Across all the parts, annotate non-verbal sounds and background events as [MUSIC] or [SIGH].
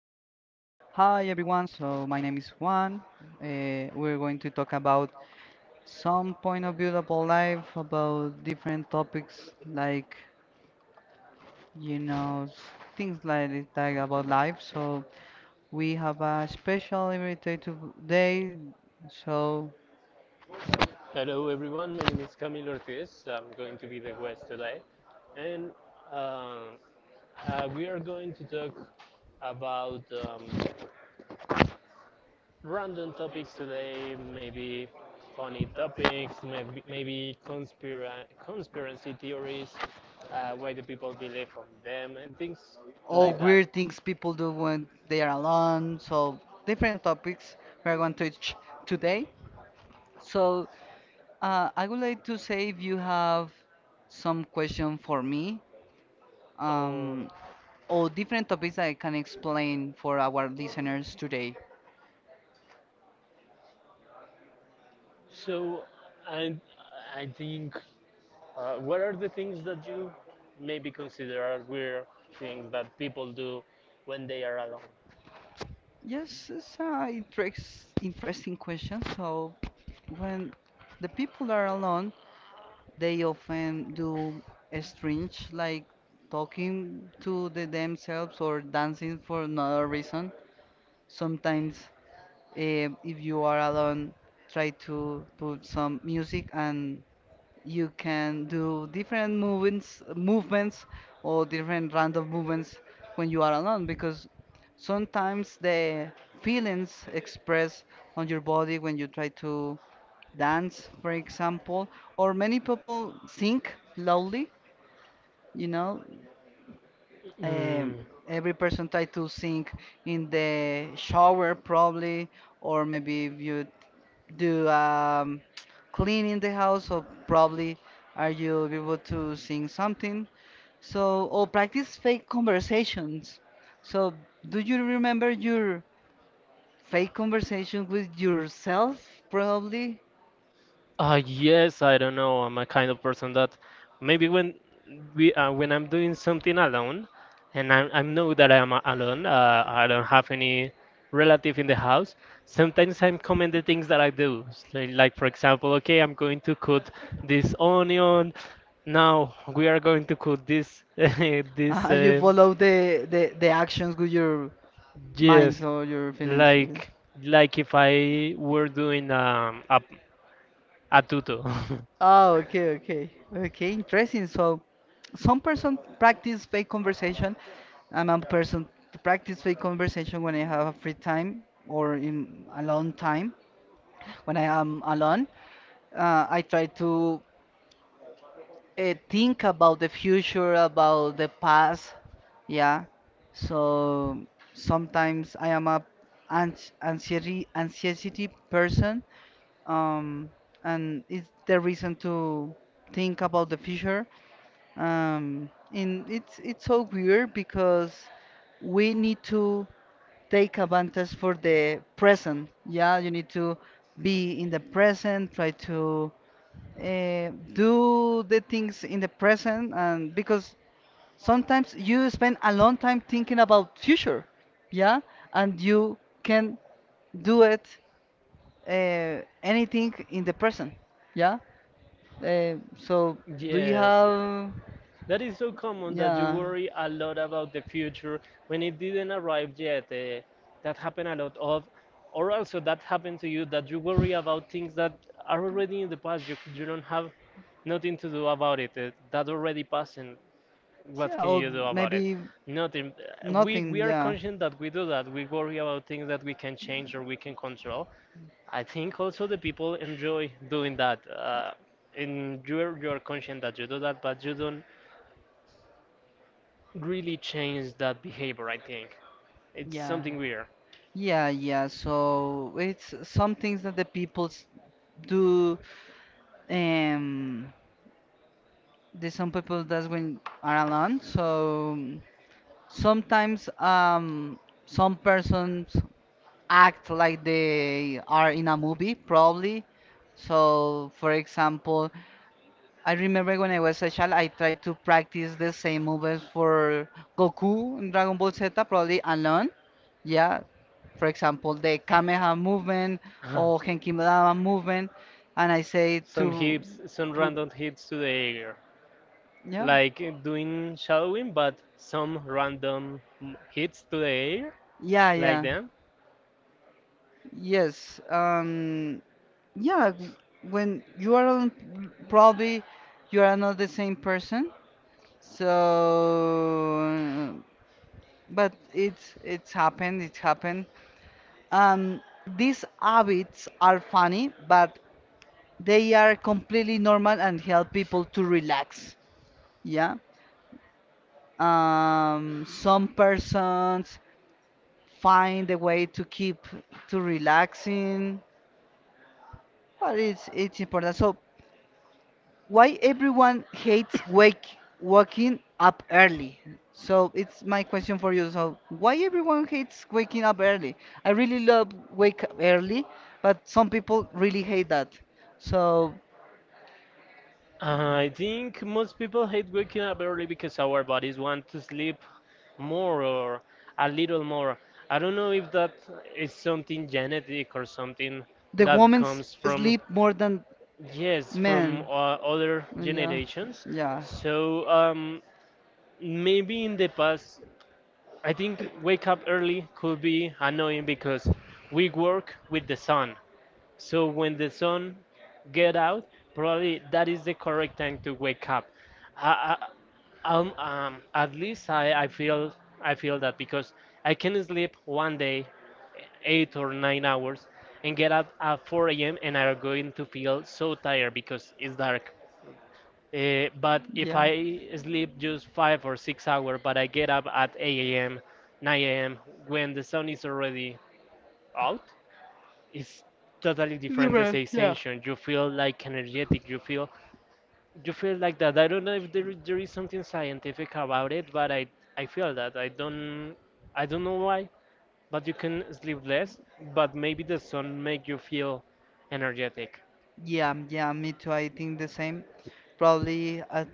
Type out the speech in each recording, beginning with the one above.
Hi everyone, so my name is Juan. We're going to talk about some point of view about life, about different topics like about life. So we have a special invited today. So Hello everyone, my name is Camilo Ortiz. I'm going to be the guest today, and uh, we are going to talk about random topics today. Maybe funny topics, maybe conspiracy theories, why do people believe on them, and things. all weird things people do when they are alone. So different topics we're going to touch today. So I would like to say if you have some question for me, Oh, um, or different topics that I can explain for our listeners today. so and I think what are the things that you maybe consider are weird things that people do when they are alone? Yes, it's an interesting question. So, when the people are alone, they often do strange, like talking to the themselves or dancing for another reason. Sometimes, if you are alone, try to put some music and you can do different movements, or different random movements when you are alone because sometimes the feelings expressed on your body when you try to dance, for example, or many people sing loudly. You know, um, Mm, every person try to sing in the shower probably, or maybe if you do cleaning the house or probably are you able to sing something, so or practice fake conversations. So do you remember your fake conversation with yourself probably? Yes, I don't know. I'm a kind of person that maybe when we when I'm doing something alone, and I know that I'm alone, I don't have any relative in the house. Sometimes I'm comment the things that I do. So, like, for example, okay, I'm going to cut this onion. Now we are going to cut this [LAUGHS] [LAUGHS] this You follow the actions with your Yes, minds or your feelings, okay. like if I were doing a tuto. [LAUGHS] Oh, okay, okay, okay. Interesting. So, some person practice fake conversation. I'm a person to practice fake conversation when I have a free time or in a long time when I am alone. I try to think about the future, about the past. Yeah. So sometimes I am a ans anxiety person, um, and it's the reason to think about the future. And it's so weird because we need to take advantage for the present. Yeah, you need to be in the present, try to do the things in the present, and because sometimes you spend a long time thinking about future. Yeah, and you can do it anything in the person. Yeah. So do you Yeah, have? that is so common that you Yeah. worry a lot about the future when it didn't arrive yet. That happened a lot of, or also that happened to you that you worry about things that are already in the past. You don't have nothing to do about it. That already passed, and what Yeah, can or you do about it? maybe Nothing. We nothing. we are Yeah. conscious that we do that. We worry about things that we can change or we can control, I think also the people enjoy doing that. And you're conscient that you do that, but you don't really change that behavior. I think it's Yeah. something weird. Yeah, yeah. So it's some things that the people do. Um, there's some people that's when are alone. So sometimes some persons act like they are in a movie probably. So for example, I remember when I was a child, I tried to practice the same moves for Goku in Dragon Ball Z probably alone. Yeah, for example the kameha movement or Henkimadama movement. And I say Some to hits, some r- random hits to the air, yeah, like doing shadowing, but some random hits to the air. yeah, yeah. Yeah. Yes. Yeah, w- when you are on, probably you are not the same person. So, but it's happened. It's happened. Um, these habits are funny, but they are completely normal and help people to relax. Yeah. Some persons find a way to keep to relaxing, but it's important. So why everyone hates wake waking up early? So it's my question for you. So why everyone hates waking up early? I really love wake up early, but some people really hate that. So I think most people hate waking up early because our bodies want to sleep more or a little more. I don't know if that is something genetic or something. the women sleep more than Yes, from men. Other Yeah, generations. yeah, So maybe in the past, I think wake up early could be annoying because we work with the sun. So when the sun get out, probably that is the correct time to wake up. I, at least I feel that because I can sleep one day, 8 or 9 hours, and get up at 4 a.m. and I'm going to feel so tired because it's dark. But if I sleep just 5 or 6 hours, but I get up at 8 a.m., 9 a.m. when the sun is already yeah. out, it's totally different the sensation. You feel like energetic. You feel like that. I don't know if there is something scientific about it, but I feel that. I don't know why, but you can sleep less, but maybe the sun make you feel energetic. Yeah, yeah, me too. I think the same. Probably at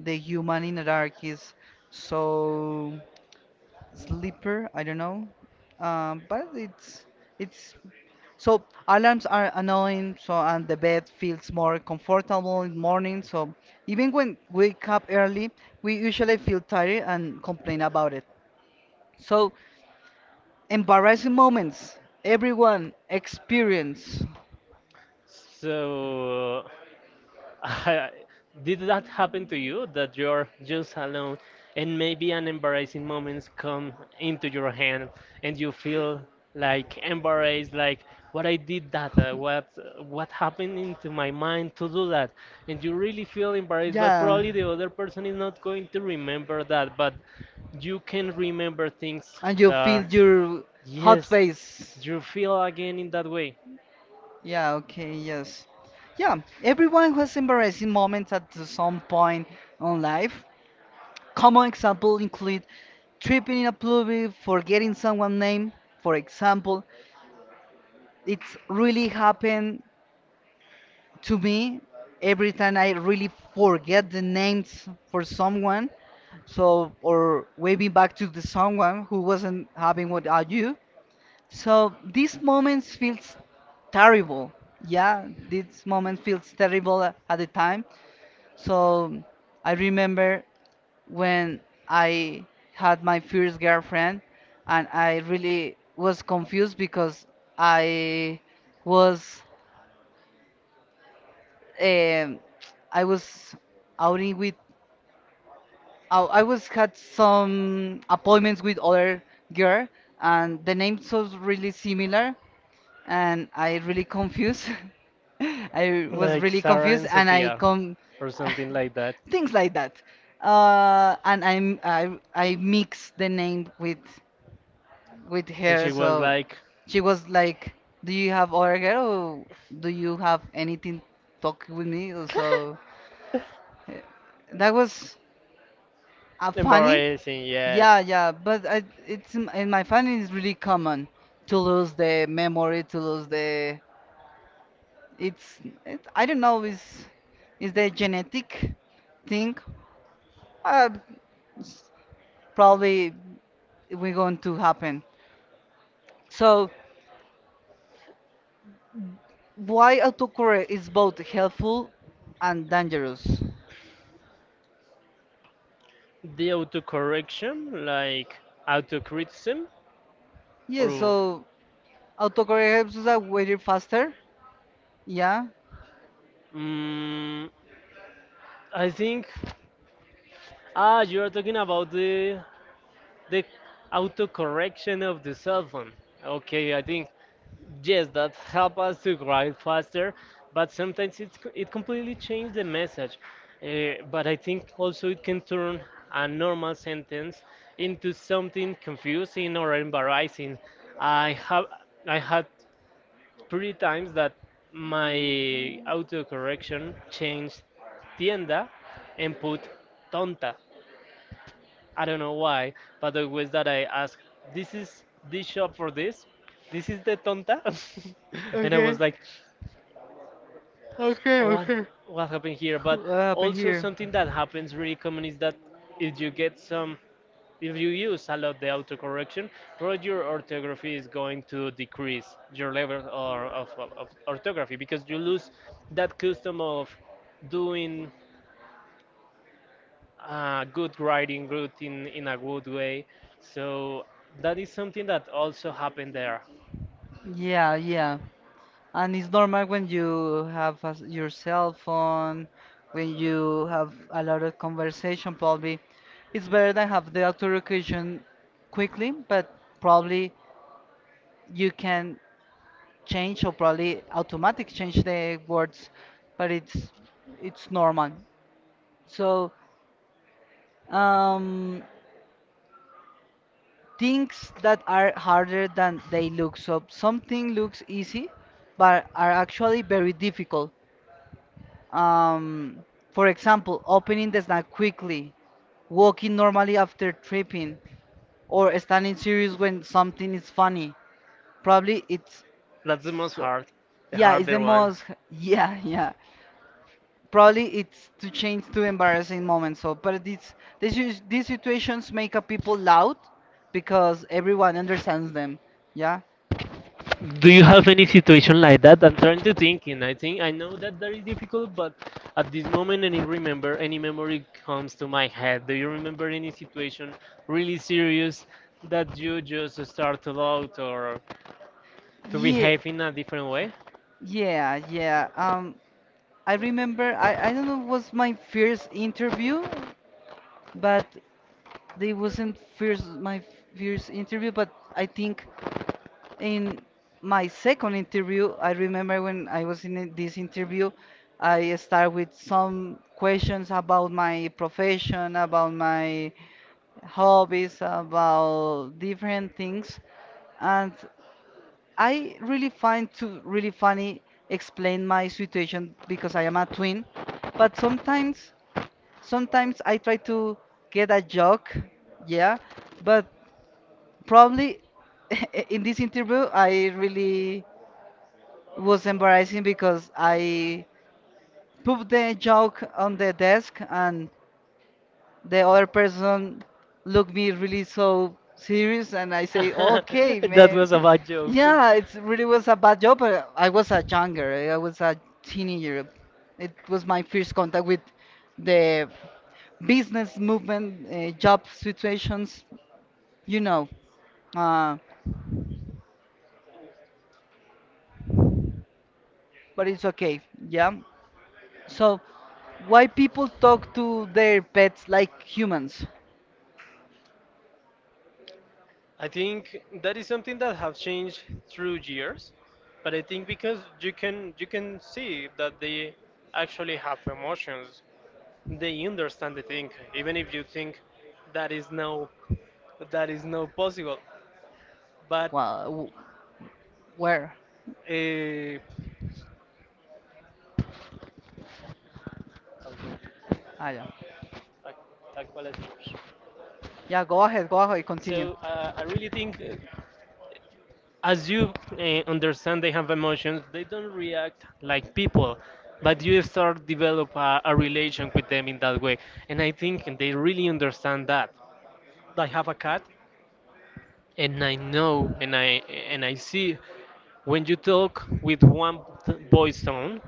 the human in Ark is so sleeper. I don't know, but it's so alarms are annoying. So and the bed feels more comfortable in morning. So even when wake up early, we usually feel tired and complain about it. So embarrassing moments everyone experience. So [LAUGHS] did that happen to you that you're just alone and maybe an embarrassing moments come into your hand and you feel like embarrassed like what I did that what happened into my mind to do that and you really feel embarrassed but probably the other person is not going to remember that but you can remember things, And you feel your hot face. you feel again in that way Yeah, okay, yes. Yeah, everyone has embarrassing moments at some point on life. Common examples include tripping in a public, forgetting someone's name, for example. It's really happened to me every time I really forget the names for someone. So, or waving back to the someone who wasn't having what are you. So these moments feels terrible. Yeah, this moment feels terrible at the time. So I remember when I had my first girlfriend, and I really was confused because I was, um, I was outing with, I was had some appointments with other girl, and the names was really similar, and I really confused. [LAUGHS] I was really confused, and I come or something like that. [LAUGHS] things like that. And I mix the name with her, Was so like she was like, "Do you have other hair, or do you have anything talk with me?" Or so uh, that was funny. embarrassing, yeah. Yeah, yeah, but I, it's in my family it's really common to lose the memory, to lose the, it's it, I don't know is the genetic thing, uh, probably we're going to happen. So why autocorrect is both helpful and dangerous? The autocorrection, like autocriticism. Yeah, so autocorrect helps us out with faster. Yeah. Mm, I think you are talking about the autocorrection of the cell phone. Okay, I think yes, that help us to write faster, but sometimes it completely changes the message. But I think also it can turn a normal sentence into something confusing or embarrassing. I have I had three times that my autocorrection changed tienda and put tonta. I don't know why, but the was that I asked, this is this shop for this, this is the tonta, [LAUGHS] and I Okay. was like, Okay, what okay. what happened here? But What happened also here? something that happens really common is that if you get some if you use a lot the autocorrection, probably your orthography is going to decrease your level or orthography because you lose that custom of doing good writing, good in a good way. So that is something that also happened there. Yeah, yeah. And it's normal when you have a s your cell phone, when you have a lot of conversation, probably. It's better than have the auto quickly, but probably you can change or probably automatic change the words, but it's normal. So, um, things that are harder than they look. So, something looks easy, but are actually very difficult. Um, for example, opening the snack quickly, walking normally after tripping, or standing serious when something is funny. Probably it's That's the most so. hard. Yeah, it's the most. [LAUGHS] Yeah, yeah. Probably it's to change to embarrassing moments. So, but these these situations make a people loud because everyone understands them. Yeah, Do you have any situation like that? I'm trying to think, and I think I know that that is difficult, but at this moment, any remember any memory comes to my head. Do you remember any situation really serious that you just start to out or to yeah, behave in a different way? yeah, yeah. I remember I don't know, it was my first interview, but they wasn't first my first interview, but I think in my second interview, I remember when I was in this interview, I started with some questions about my profession, about my hobbies, about different things, and I really find to really funny explain my situation because I am a twin, but sometimes I try to get a joke, yeah, but probably [LAUGHS] in this interview I really was embarrassing because I put the joke on the desk and the other person looked me really so serious and I say, [LAUGHS] okay, because [LAUGHS] That man, was it's a bad a joke. joke. Yeah, it really was a bad job, but I was a younger, I was a teenager. It was my first contact with the business movement, job situations, you know. Uh, but it's okay, yeah. So, why people talk to their pets like humans? I think that is something that have changed through years, but I think because you can see that they actually have emotions. They understand the thing even if you think that is no that is no possible, but Well, where? uh, Ah, yeah. tal, tal cual es. Yeah, go ahead, continue. So I really think, as you understand they have emotions, they don't react like people, but you start develop a relation with them in that way, and I think they really understand that. I have a cat, and I know and I see when you talk with one voice tone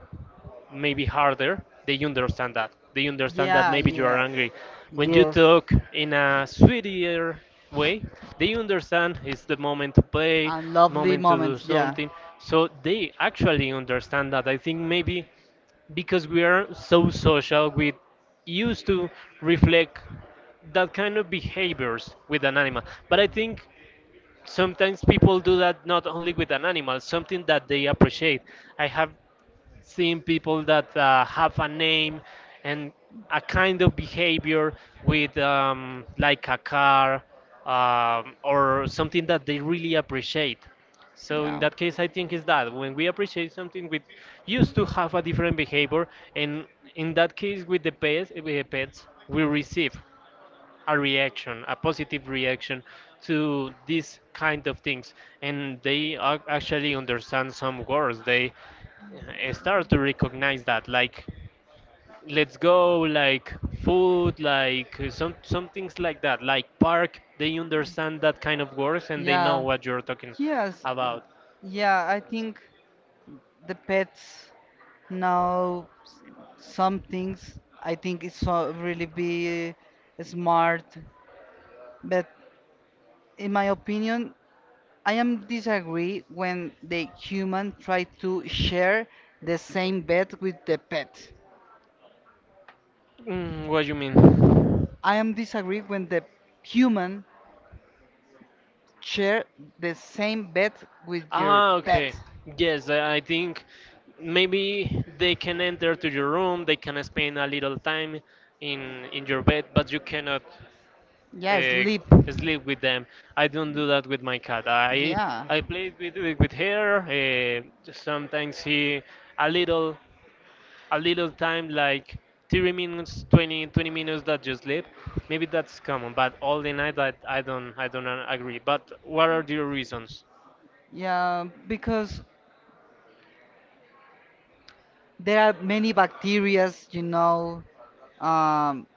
maybe harder, they understand that. They understand Yeah, maybe you are yes. angry. When you Yes. talk in a sweeter way, they understand it's the moment to play, And lovely moment to do moments, yeah. something. So they actually understand that. I think maybe because we are so social, we used to reflect that kind of behaviors with an animal. But I think sometimes people do that not only with an animal, something that they appreciate. I have seeing people that have a name and a kind of behavior with like a car or something that they really appreciate. So in that case, I think is that when we appreciate something, we used to have a different behavior, and in that case, with the pets, we receive a reaction, a positive reaction to these kind of things, and they actually understand some words. They start to recognize that, like let's go, like food, like some things like that, like park. They understand that kind of words, and they know Yeah. what you're talking Yes. About. Yeah, I think the pets now some things I think it's so really be smart, but in my opinion, I am disagree when the human try to share the same bed with the pet. Mm, what do you mean? I am disagree when the human share the same bed with your Ah, pet. okay. Yes, I think maybe they can enter to your room. They can spend a little time in your bed, but you cannot Yeah, uh, sleep. sleep with them. I don't do that with my cat. Yeah. I play with with her. Sometimes he a little a little time like 30 minutes, 20 20 minutes that you sleep. Maybe that's common, but all the night I don't agree. But what are your reasons? Yeah, because there are many bacterias, you know. Um,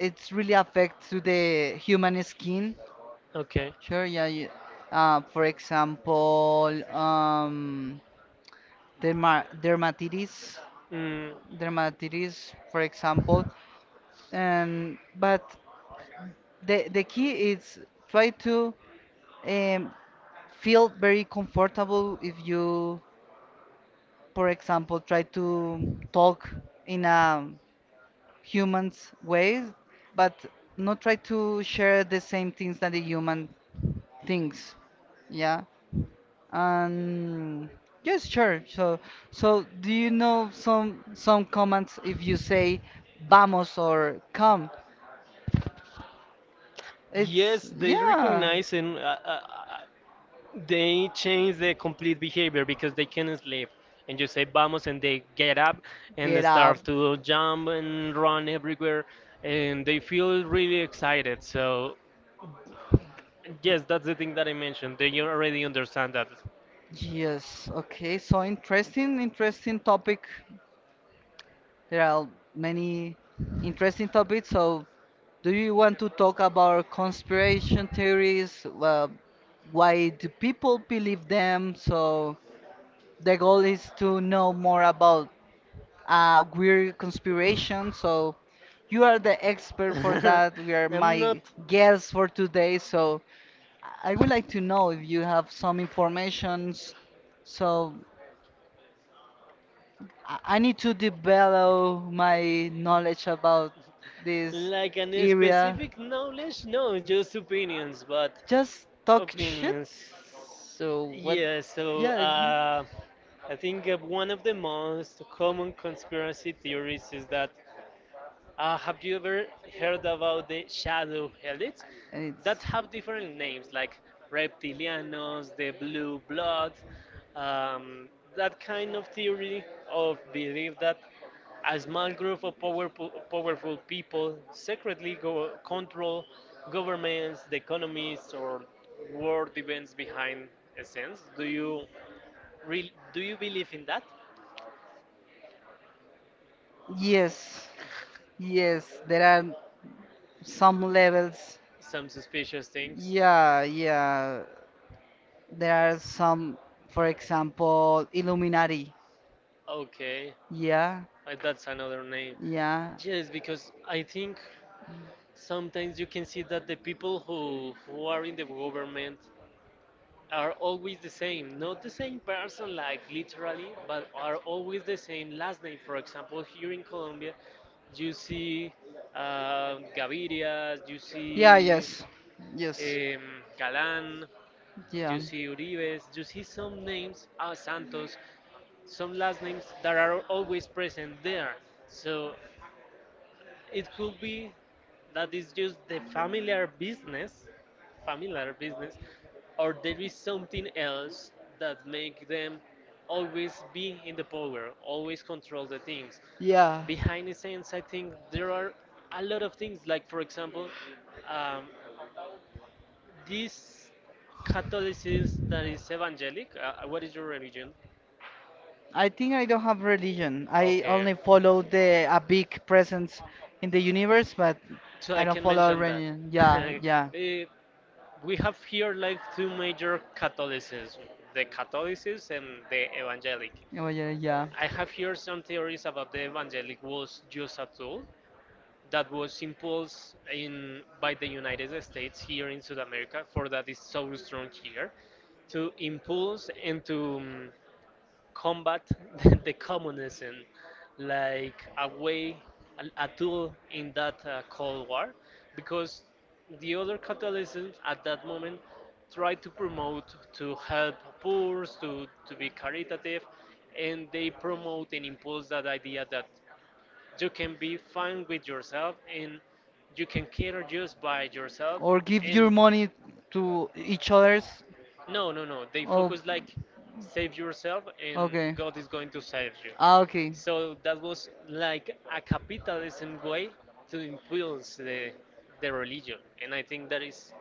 it's really affect to the human skin. Okay. Sure, yeah. You, for example, dermatitis, Mm. dermatitis, for example. And but the key is try to um, feel very comfortable if you, for example, try to talk in a humans' ways, but not try to share the same things that the human thinks. Yeah. And yes, sure. So, so do you know some comments if you say vamos or come? It's Yes, they yeah. recognize and they change the complete behavior because they can't sleep. And you say vamos, and they get up and they Get up. start to jump and run everywhere, and they feel really excited. So, yes, that's the thing that I mentioned. They already understand that. Yes, okay. So interesting, interesting topic. There are many interesting topics. So do you want to talk about conspiration theories? Well, why do people believe them? So the goal is to know more about weird conspiration. So you are the expert for [LAUGHS] that. You are I'm not my guest for today. So I would like to know if you have some informations. So I need to develop my knowledge about this like an area. specific knowledge, no, just opinions, but Just talk shit. opinions. So what? Yeah, so Yeah, mhm. I think, one of the most common conspiracy theories is that, have you ever heard about the shadow elites And it's that have different names like reptilianos, the blue blood, um, that kind of theory of belief that a small group of powerful people secretly go, control governments, the economies, or world events behind a sense? Do you, do you believe in that? yes, yes. There are some levels. Some suspicious things. Yeah, yeah, there are some, for example illuminati. Okay. Yeah, That's another name. yeah. Yes, because I think sometimes you can see that the people who are in the government are always the same, not the same person like literally, but are always the same last name. For example, here in Colombia, you see Gaviria, you see Yes. Yes. um, Galán, you Yeah. see Uribes, you see some names, ah, Santos, some last names that are always present there. So it could be that it's just the familiar business, familiar business, or there is something else that make them always be in the power, always control the things. Yeah. Behind the scenes, I think there are a lot of things, like for example, um, this Catholicism that is evangelic. What is your religion? I think I don't have religion. I only follow the a big presence in the universe, but don't So I something like can follow that mention that. religion. [LAUGHS] Yeah. Eh, we have here like two major Catholicism, the Catholicism and the Evangelic. Oh yeah, yeah. I have here some theories about the Evangelic was just a tool that was imposed in by the United States here in South America, for that is so strong here, to impulse and to combat [LAUGHS] the communism like a way, a tool in that Cold War, because the other capitalisms at that moment tried to promote to help poor, to be caritative, and they promote and impose that idea that you can be fine with yourself and you can care just by yourself. Or give your money to each others. No, no, no. They Oh, focus like save yourself and okay. God is going to save you. Ah, okay. So that was like a capitalism way to influence the religion, and I think that is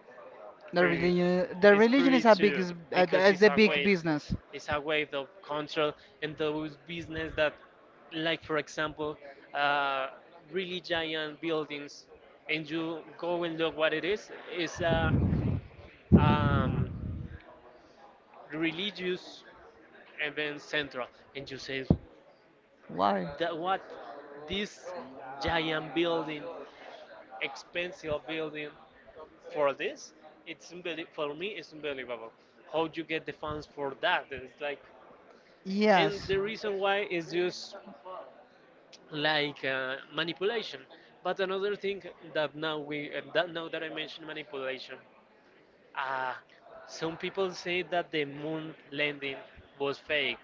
Pretty The it's religion pretty is a big, true, because is it's the a big way business. it's a way of control, and those business that, like for example, uh, really giant buildings, and you go and look what it's a um, religious event central, and you say, Why? that what, this giant building, expensive building for this. For me, it's unbelievable. How you get the funds for that? It's like, and the reason why is just like manipulation. But another thing that now that I mentioned manipulation, uh, some people say that the moon landing was fake.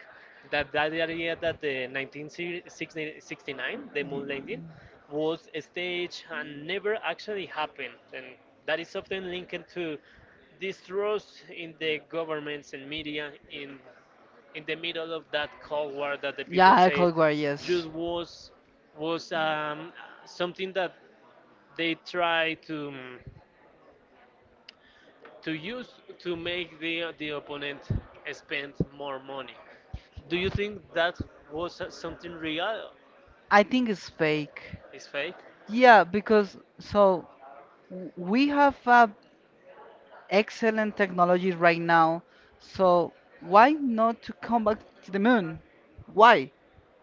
That idea that the 1969, the moon landing, was staged and never actually happened, and that is often linked to distrust in the governments and media in the middle of that Cold War, that the people War, just it was something that they try to use to make the opponent spend more money. Do you think that was something real? I think it's fake. It's fake. Yeah, because so we have a excellent technology right now. So why not to come back to the moon? Why?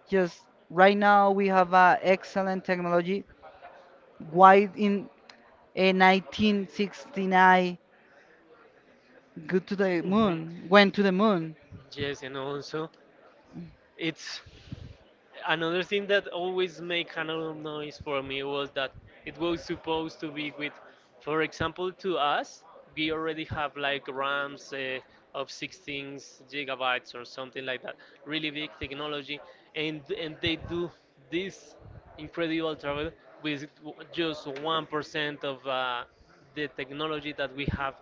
Just right now we have excellent technology. Why in 1969 go to the [LAUGHS] Mhm. moon? Went to the moon? Yes, and also it's another thing that always made kind of noise for me was that it was supposed to be with, for example, to us, we already have like RAMs of 16 gigabytes or something like that, really big technology, and they do this incredible travel with just 1% of the technology that we have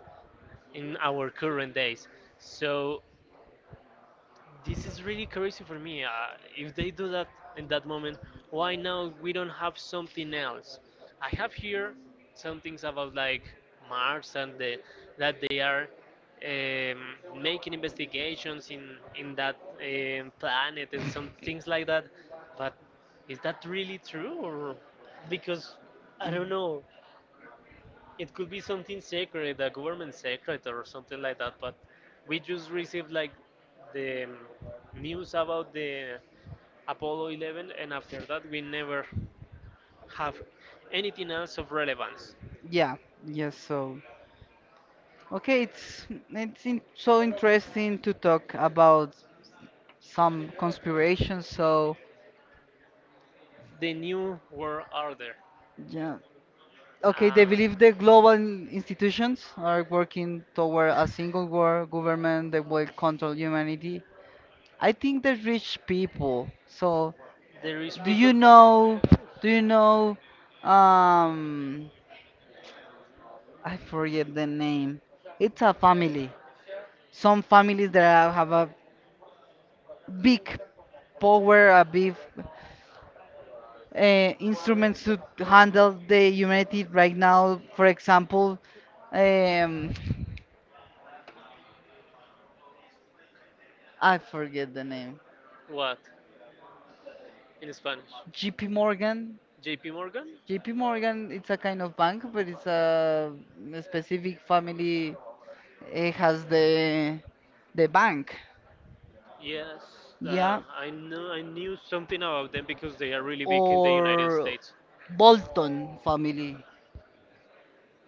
in our current days. So this is really crazy for me. If they do that in that moment, why now we don't have something else? I have here some things about like Mars and that they are making investigations in that planet and some things like that. But is that really true, or, because I Mhm. don't know, it could be something sacred, a government secret or something like that. But we just received like the news about the Apollo 11, and after that we never have anything else of relevance. Yeah, yes, so okay, it's in, so interesting to talk about some conspiration. So The new world order. yeah, okay, Uh, they believe the global institutions are working toward a single world government that will control humanity. I think the rich people. So, there is do peop- you know? Do you know? Um, I forget the name. It's a family. Some families that are- have a big power, a big instruments to handle the humanity right now. For example, um, I forget the name. what in Spanish? J.P. Morgan. J.P. Morgan. J.P. Morgan, it's a kind of bank, but it's a specific family. It has the bank. Yes, Yeah. I know. I knew something about them because they are really Or late. Bolton family,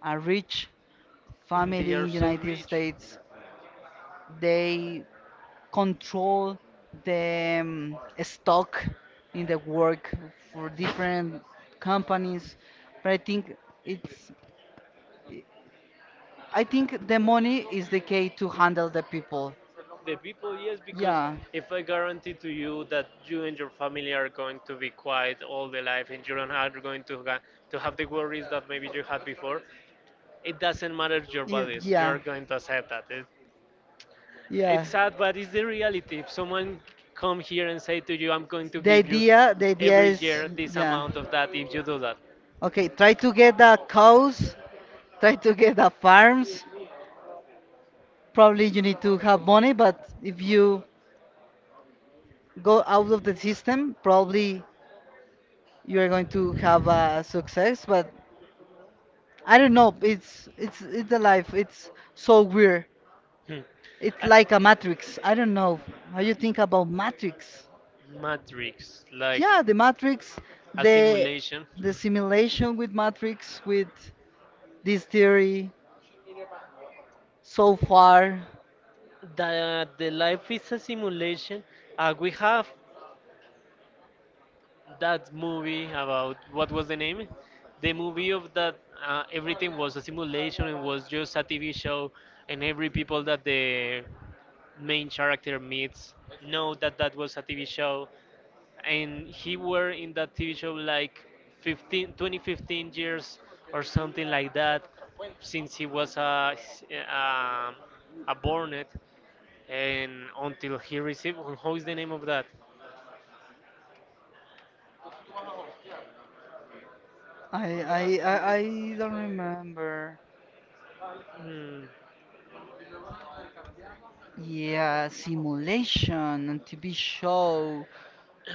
a rich They family are in so United rich. States. They control the stock in the work for different companies, but I think it's, I think the money is the key to handle the people. The people, yes, because Yeah, if I guarantee to you that you and your family are going to be quiet all the life and you don't are going to have the worries that maybe you had before, it doesn't matter your yeah, values. You yeah, are going to accept that. It, yeah. it's sad, but it's the reality. If someone come here and say to you, "I'm going to The idea, the idea is, care this yeah, amount of that," if you do that. okay, try to get the cows, try to get the farms. Probably you need to have money, but if you go out of the system, probably you're going to have a success. But I don't know. It's it's the life. It's so weird. Hmm. It's like a matrix. I don't know how you think about matrix. Matrix, like Yeah, the matrix, a the simulation. the simulation with matrix with this theory so far. The life is a simulation. We have that movie, about, what was the name? The movie of that, everything was a simulation and was just a TV show, and every people that the main character meets know that that was a TV show, and he were in that TV show like 15, 20, 15 years or something like that, since he was a, a bornet, and until he received. How is the name of that? I don't remember. Hmm. Yeah, simulation and TV show. [CLEARS THROAT]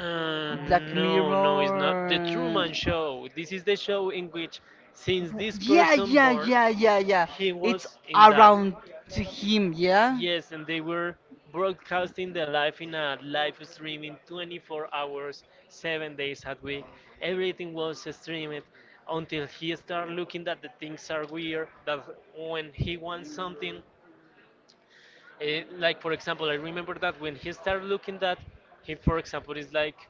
Black No, no, it's not the Truman Mirror. Show. This is the show in which, since this, Yeah, yeah, yeah, yeah, yeah. It's around to him, yeah? Yeah, yes, and they were broadcasting the live in a live streaming 24 hours, 7 days a week. Everything was streamed until he started looking that the things are weird. That when he wants something, like for example, I remember that when he started looking that he, for example, is like,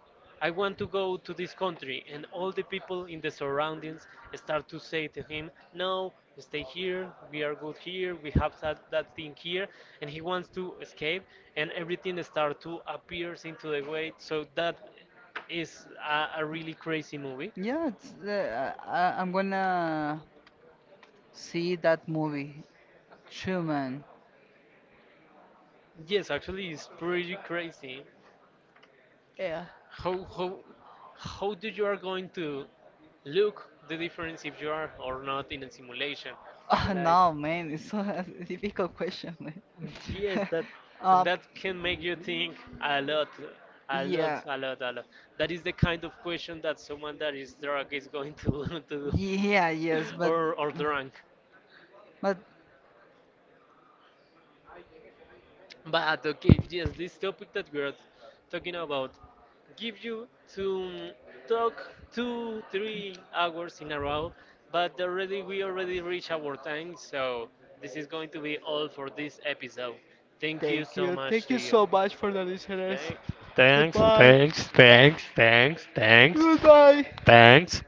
I want to go to this country, and all the people in the surroundings start to say to him, no, stay here, we are good here, we have that, thing here, and he wants to escape, and everything start to appears into the way, so that is a really crazy movie. it's, I'm gonna see that movie, Truman. Yes, actually, it's pretty crazy. Yeah. [LAUGHS] How how how do you are going to look the difference if you are or not in a simulation? Oh, Like, no, man, it's so [LAUGHS] a difficult question, man. yes, [LAUGHS] that, Uh, and that can make you think a lot, yeah, a yeah, lot, a lot, a lot. That is the kind of question that someone that is drunk is going to [LAUGHS] to do, yes, or drunk. but [LAUGHS] But okay, yes, this topic that we're talking about gives you to talk 2, 3 hours in a row, but already we already reach our time, so this is going to be all for this episode. Thank you so much to you you. so much for the listeners. Okay. Thanks, Goodbye. thanks, thanks, thanks, Goodbye. thanks.